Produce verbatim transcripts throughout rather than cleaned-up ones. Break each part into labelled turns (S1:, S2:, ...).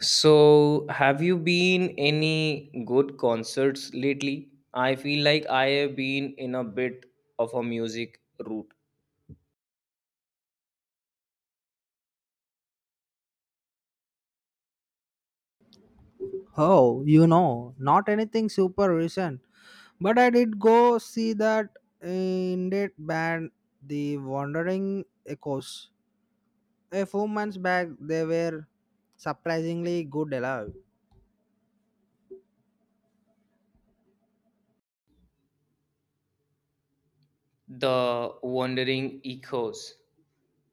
S1: So, have you been any good concerts lately? I feel like I have been in a bit of a music route.
S2: Oh, you know, not anything super recent, but I did go see that indie band, The Wandering Echoes. A few months back, they were surprisingly good alive.
S1: The Wandering Echoes.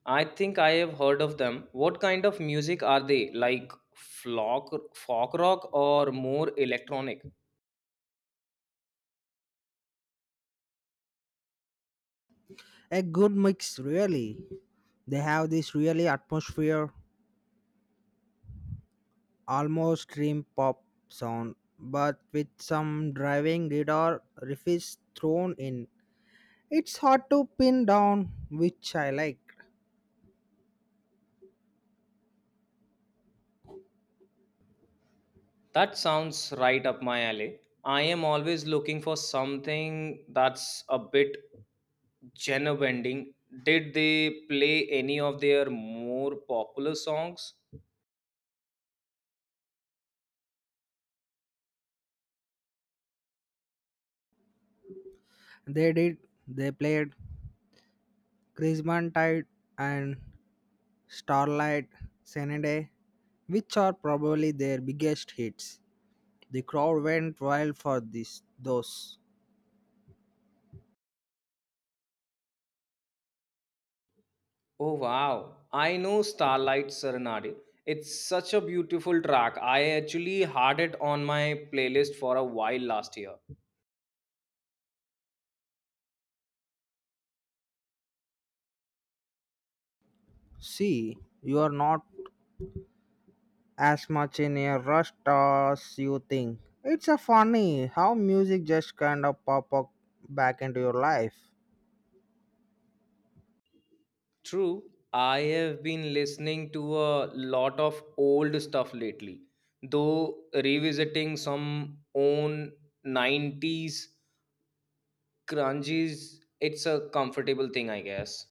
S1: I think I have heard of them. What kind of music are they? Like flock, folk rock or more electronic?
S2: A good mix, really. They have this really atmosphere, almost dream pop sound, but with some driving guitar riffs thrown in. It's hard to pin down which I like.
S1: That sounds right up my alley. I am always looking for something that's a bit genre bending. Did they play any of their more popular songs?
S2: They did, they played Crimson Tide and Starlight Serenade, which are probably their biggest hits. The crowd went wild for this, those.
S1: Oh wow, I know Starlight Serenade. It's such a beautiful track. I actually had it on my playlist for a while last year.
S2: See, you are not as much in a rush as you think. It's a funny how music just kind of pop up back into your life.
S1: True, I have been listening to a lot of old stuff lately, though revisiting some own nineties crunches, it's a comfortable thing, I guess.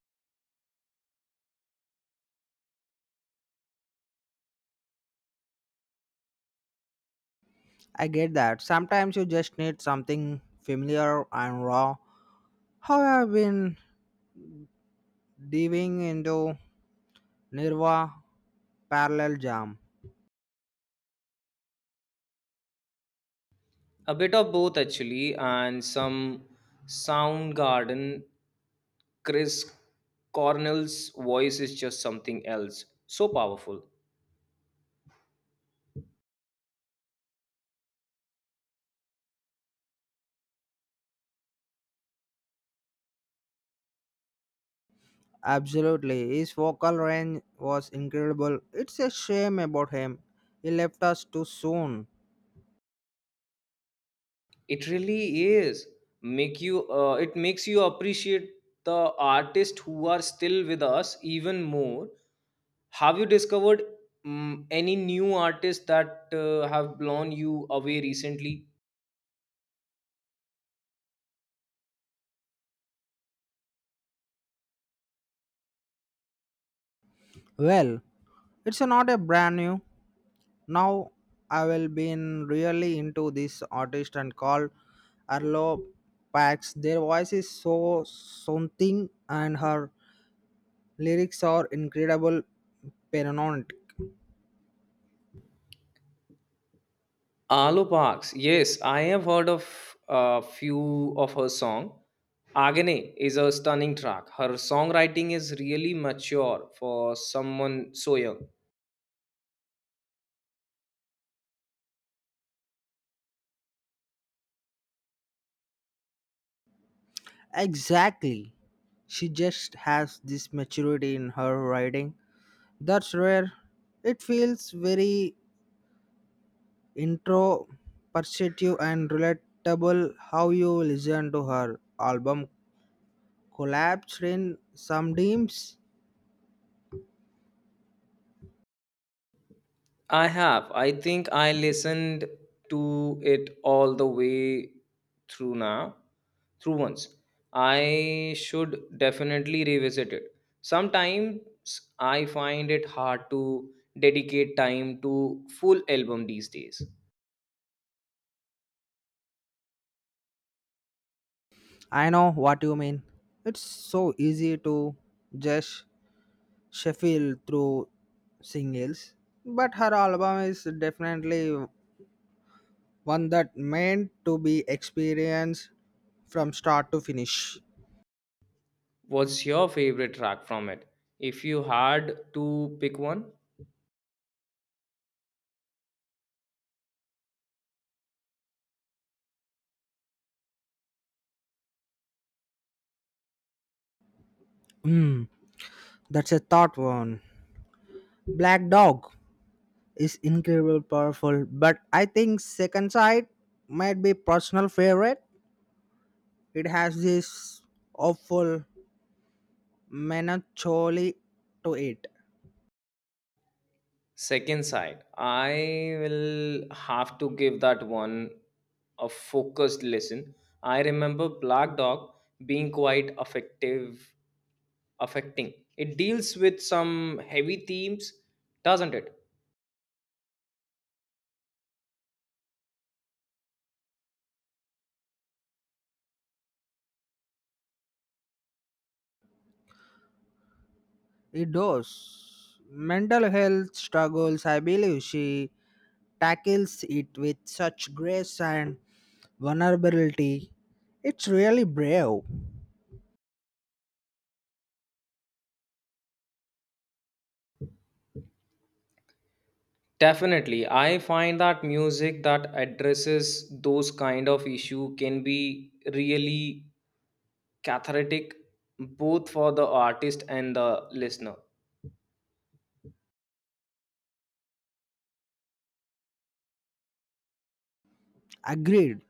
S2: I get that. Sometimes you just need something familiar and raw. How I've been diving into Nirva Parallel Jam.
S1: A bit of both actually, and some Soundgarden. Chris Cornell's voice is just something else. So powerful.
S2: Absolutely. His vocal range was incredible. It's a shame about him. He left us too soon.
S1: It really is. Make you. Uh, it makes you appreciate the artists who are still with us even more. Have you discovered mm, any new artists that uh, have blown you away recently?
S2: Well, it's not a brand new. Now I will been really into this artist and called Arlo Pax. Their voice is so something and her lyrics are incredible paramount.
S1: Alu Parks. Yes, I have heard of a few of her song. Agane is a stunning track. Her songwriting is really mature for someone so young.
S2: Exactly. She just has this maturity in her writing. That's rare. It feels very introspective and relatable. How you listen to her album collapsed in some dreams.
S1: I have. I think I listened to it all the way through now, through once. I should definitely revisit it. Sometimes I find it hard to dedicate time to full album these days.
S2: I know what you mean. It's so easy to just shuffle through singles, but her album is definitely one that meant to be experienced from start to finish.
S1: What's your favorite track from it? If you had to pick one,
S2: Hmm, that's a thought one. Black Dog is incredible powerful, but I think Second Sight might be personal favorite. It has this awful melancholy to it.
S1: second side. I will have to give that one a focused listen. I remember Black Dog being quite effective, affecting. It deals with some heavy themes, doesn't it?
S2: It does mental health struggles. I believe she tackles it with such grace and vulnerability. It's really brave.
S1: Definitely. I find that music that addresses those kind of issue can be really cathartic both for the artist and the listener.
S2: Agreed.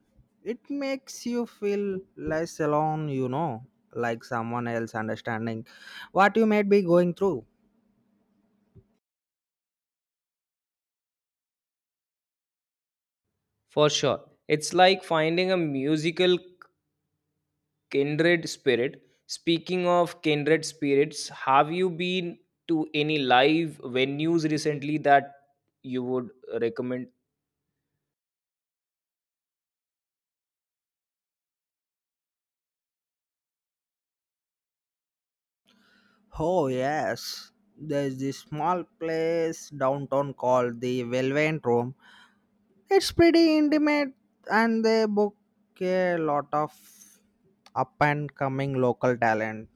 S2: It makes you feel less alone, you know like someone else understanding what you might be going through.
S1: For sure. It's like finding a musical kindred spirit. Speaking of kindred spirits, have you been to any live venues recently that you would recommend?
S2: Oh yes, there's this small place downtown called the Velvet Room. It's pretty intimate, and they book a lot of up and coming local talent.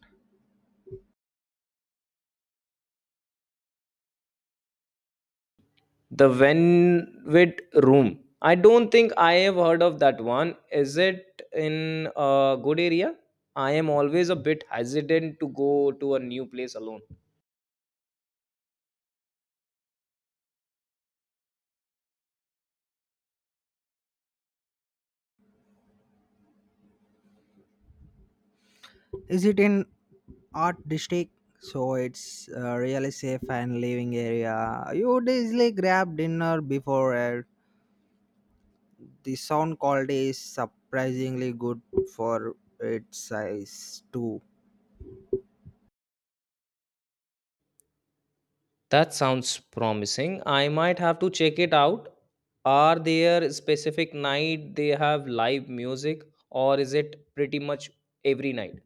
S1: The Venwit Room. I don't think I have heard of that one. Is it in a good area? I am always a bit hesitant to go to a new place alone.
S2: Is it in art district? So it's a really safe and living area. You would easily grab dinner before it. The sound quality is surprisingly good for its size too.
S1: That sounds promising. I might have to check it out. Are there specific night they have live music or is it pretty much every night?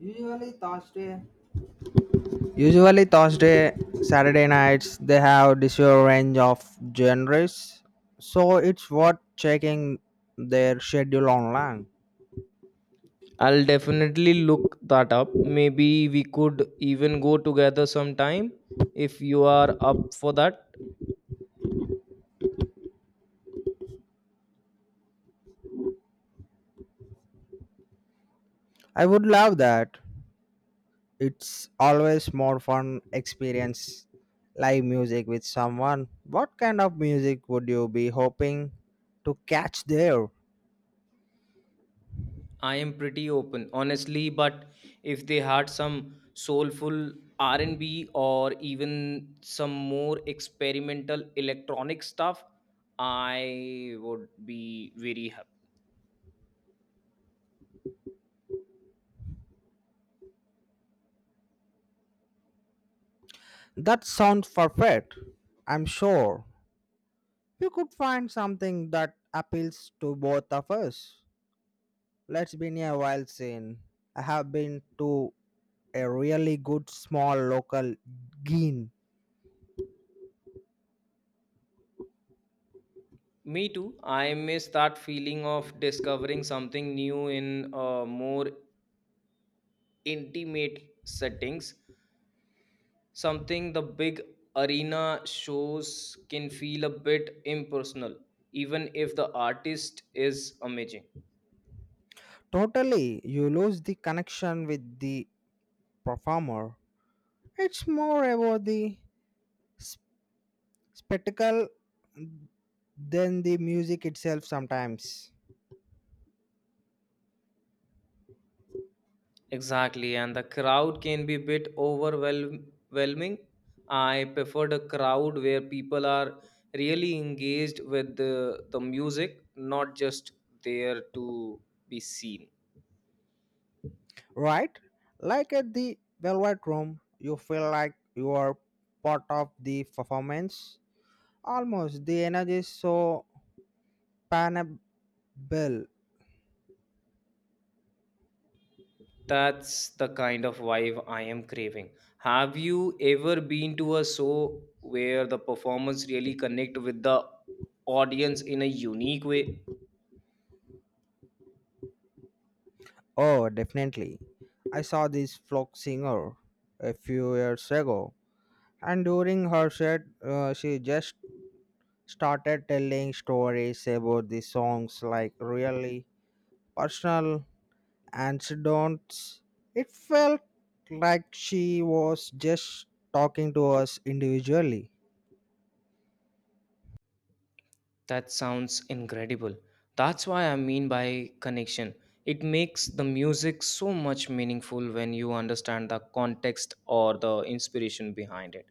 S2: Usually Thursday Usually Thursday, Saturday nights they have this whole range of genres, so it's worth checking their schedule online.
S1: I'll definitely look that up. Maybe we could even go together sometime if you are up for that.
S2: I would love that. It's always more fun experience live music with someone. What kind of music would you be hoping to catch there?
S1: I am pretty open, honestly, but if they had some soulful R and B or even some more experimental electronic stuff, I would be very happy.
S2: That sounds perfect. I'm sure you could find something that appeals to both of us. Let's been a while since I have been to a really good small local gin.
S1: Me too. I miss that feeling of discovering something new in a more intimate settings. Something the big arena shows can feel a bit impersonal, even if the artist is amazing.
S2: Totally, you lose the connection with the performer. It's more about the s- spectacle than the music itself sometimes.
S1: Exactly, and the crowd can be a bit overwhelming. I preferred a crowd where people are really engaged with the, the music, not just there to be seen.
S2: Right? Like at the Velvet Room, you feel like you are part of the performance. Almost, the energy is so palpable.
S1: That's the kind of vibe I am craving. Have you ever been to a show where the performers really connect with the audience in a unique way?
S2: Oh, definitely. I saw this folk singer a few years ago, and during her set, uh, she just started telling stories about the songs, like really personal anecdotes. It felt like she was just talking to us individually.
S1: That sounds incredible. That's why I mean by connection. It makes the music so much meaningful when you understand the context or the inspiration behind it.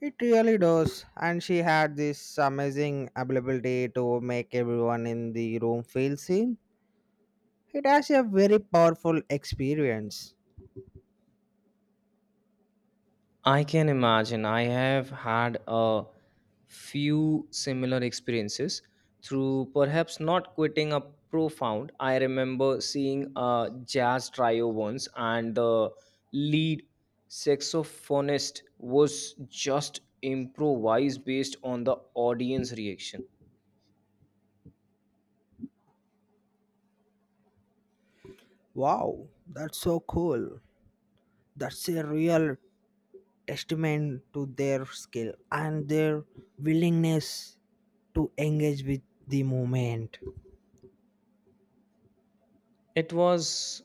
S2: It really does, and she had this amazing ability to make everyone in the room feel seen. It has a very powerful experience.
S1: I can imagine I have had a few similar experiences through perhaps not quitting a profound. I remember seeing a jazz trio once, and the lead saxophonist was just improvise based on the audience reaction.
S2: Wow, that's so cool. That's a real testament to their skill and their willingness to engage with the movement.
S1: It was,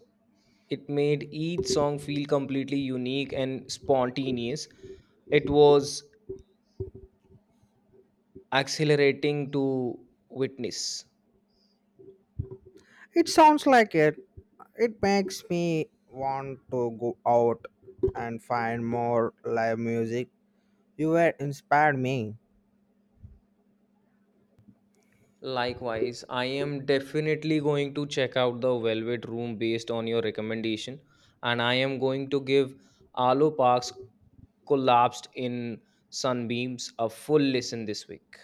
S1: it made each song feel completely unique and spontaneous. It was accelerating to witness.
S2: It sounds like it. It makes me want to go out and find more live music. You were inspired me.
S1: Likewise, I am definitely going to check out the Velvet Room based on your recommendation, and I am going to give Alo Parks Collapsed in Sunbeams a full listen this week.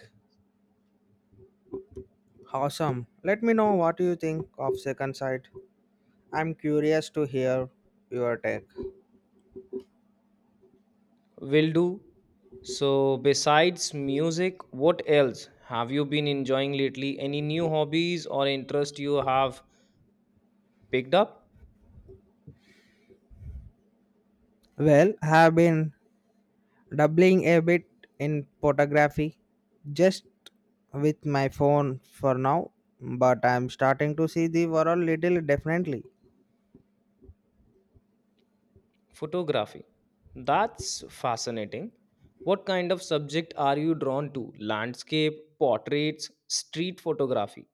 S2: Awesome. Let me know what you think of Second Sight. I'm curious to hear your take.
S1: Will do. So, besides music, what else have you been enjoying lately? Any new hobbies or interest you have picked up?
S2: Well, I have been doubling a bit in photography, just with my phone for now, but I'm starting to see the world little differently.
S1: Photography. That's fascinating. What kind of subject are you drawn to? Landscape, portraits, street photography?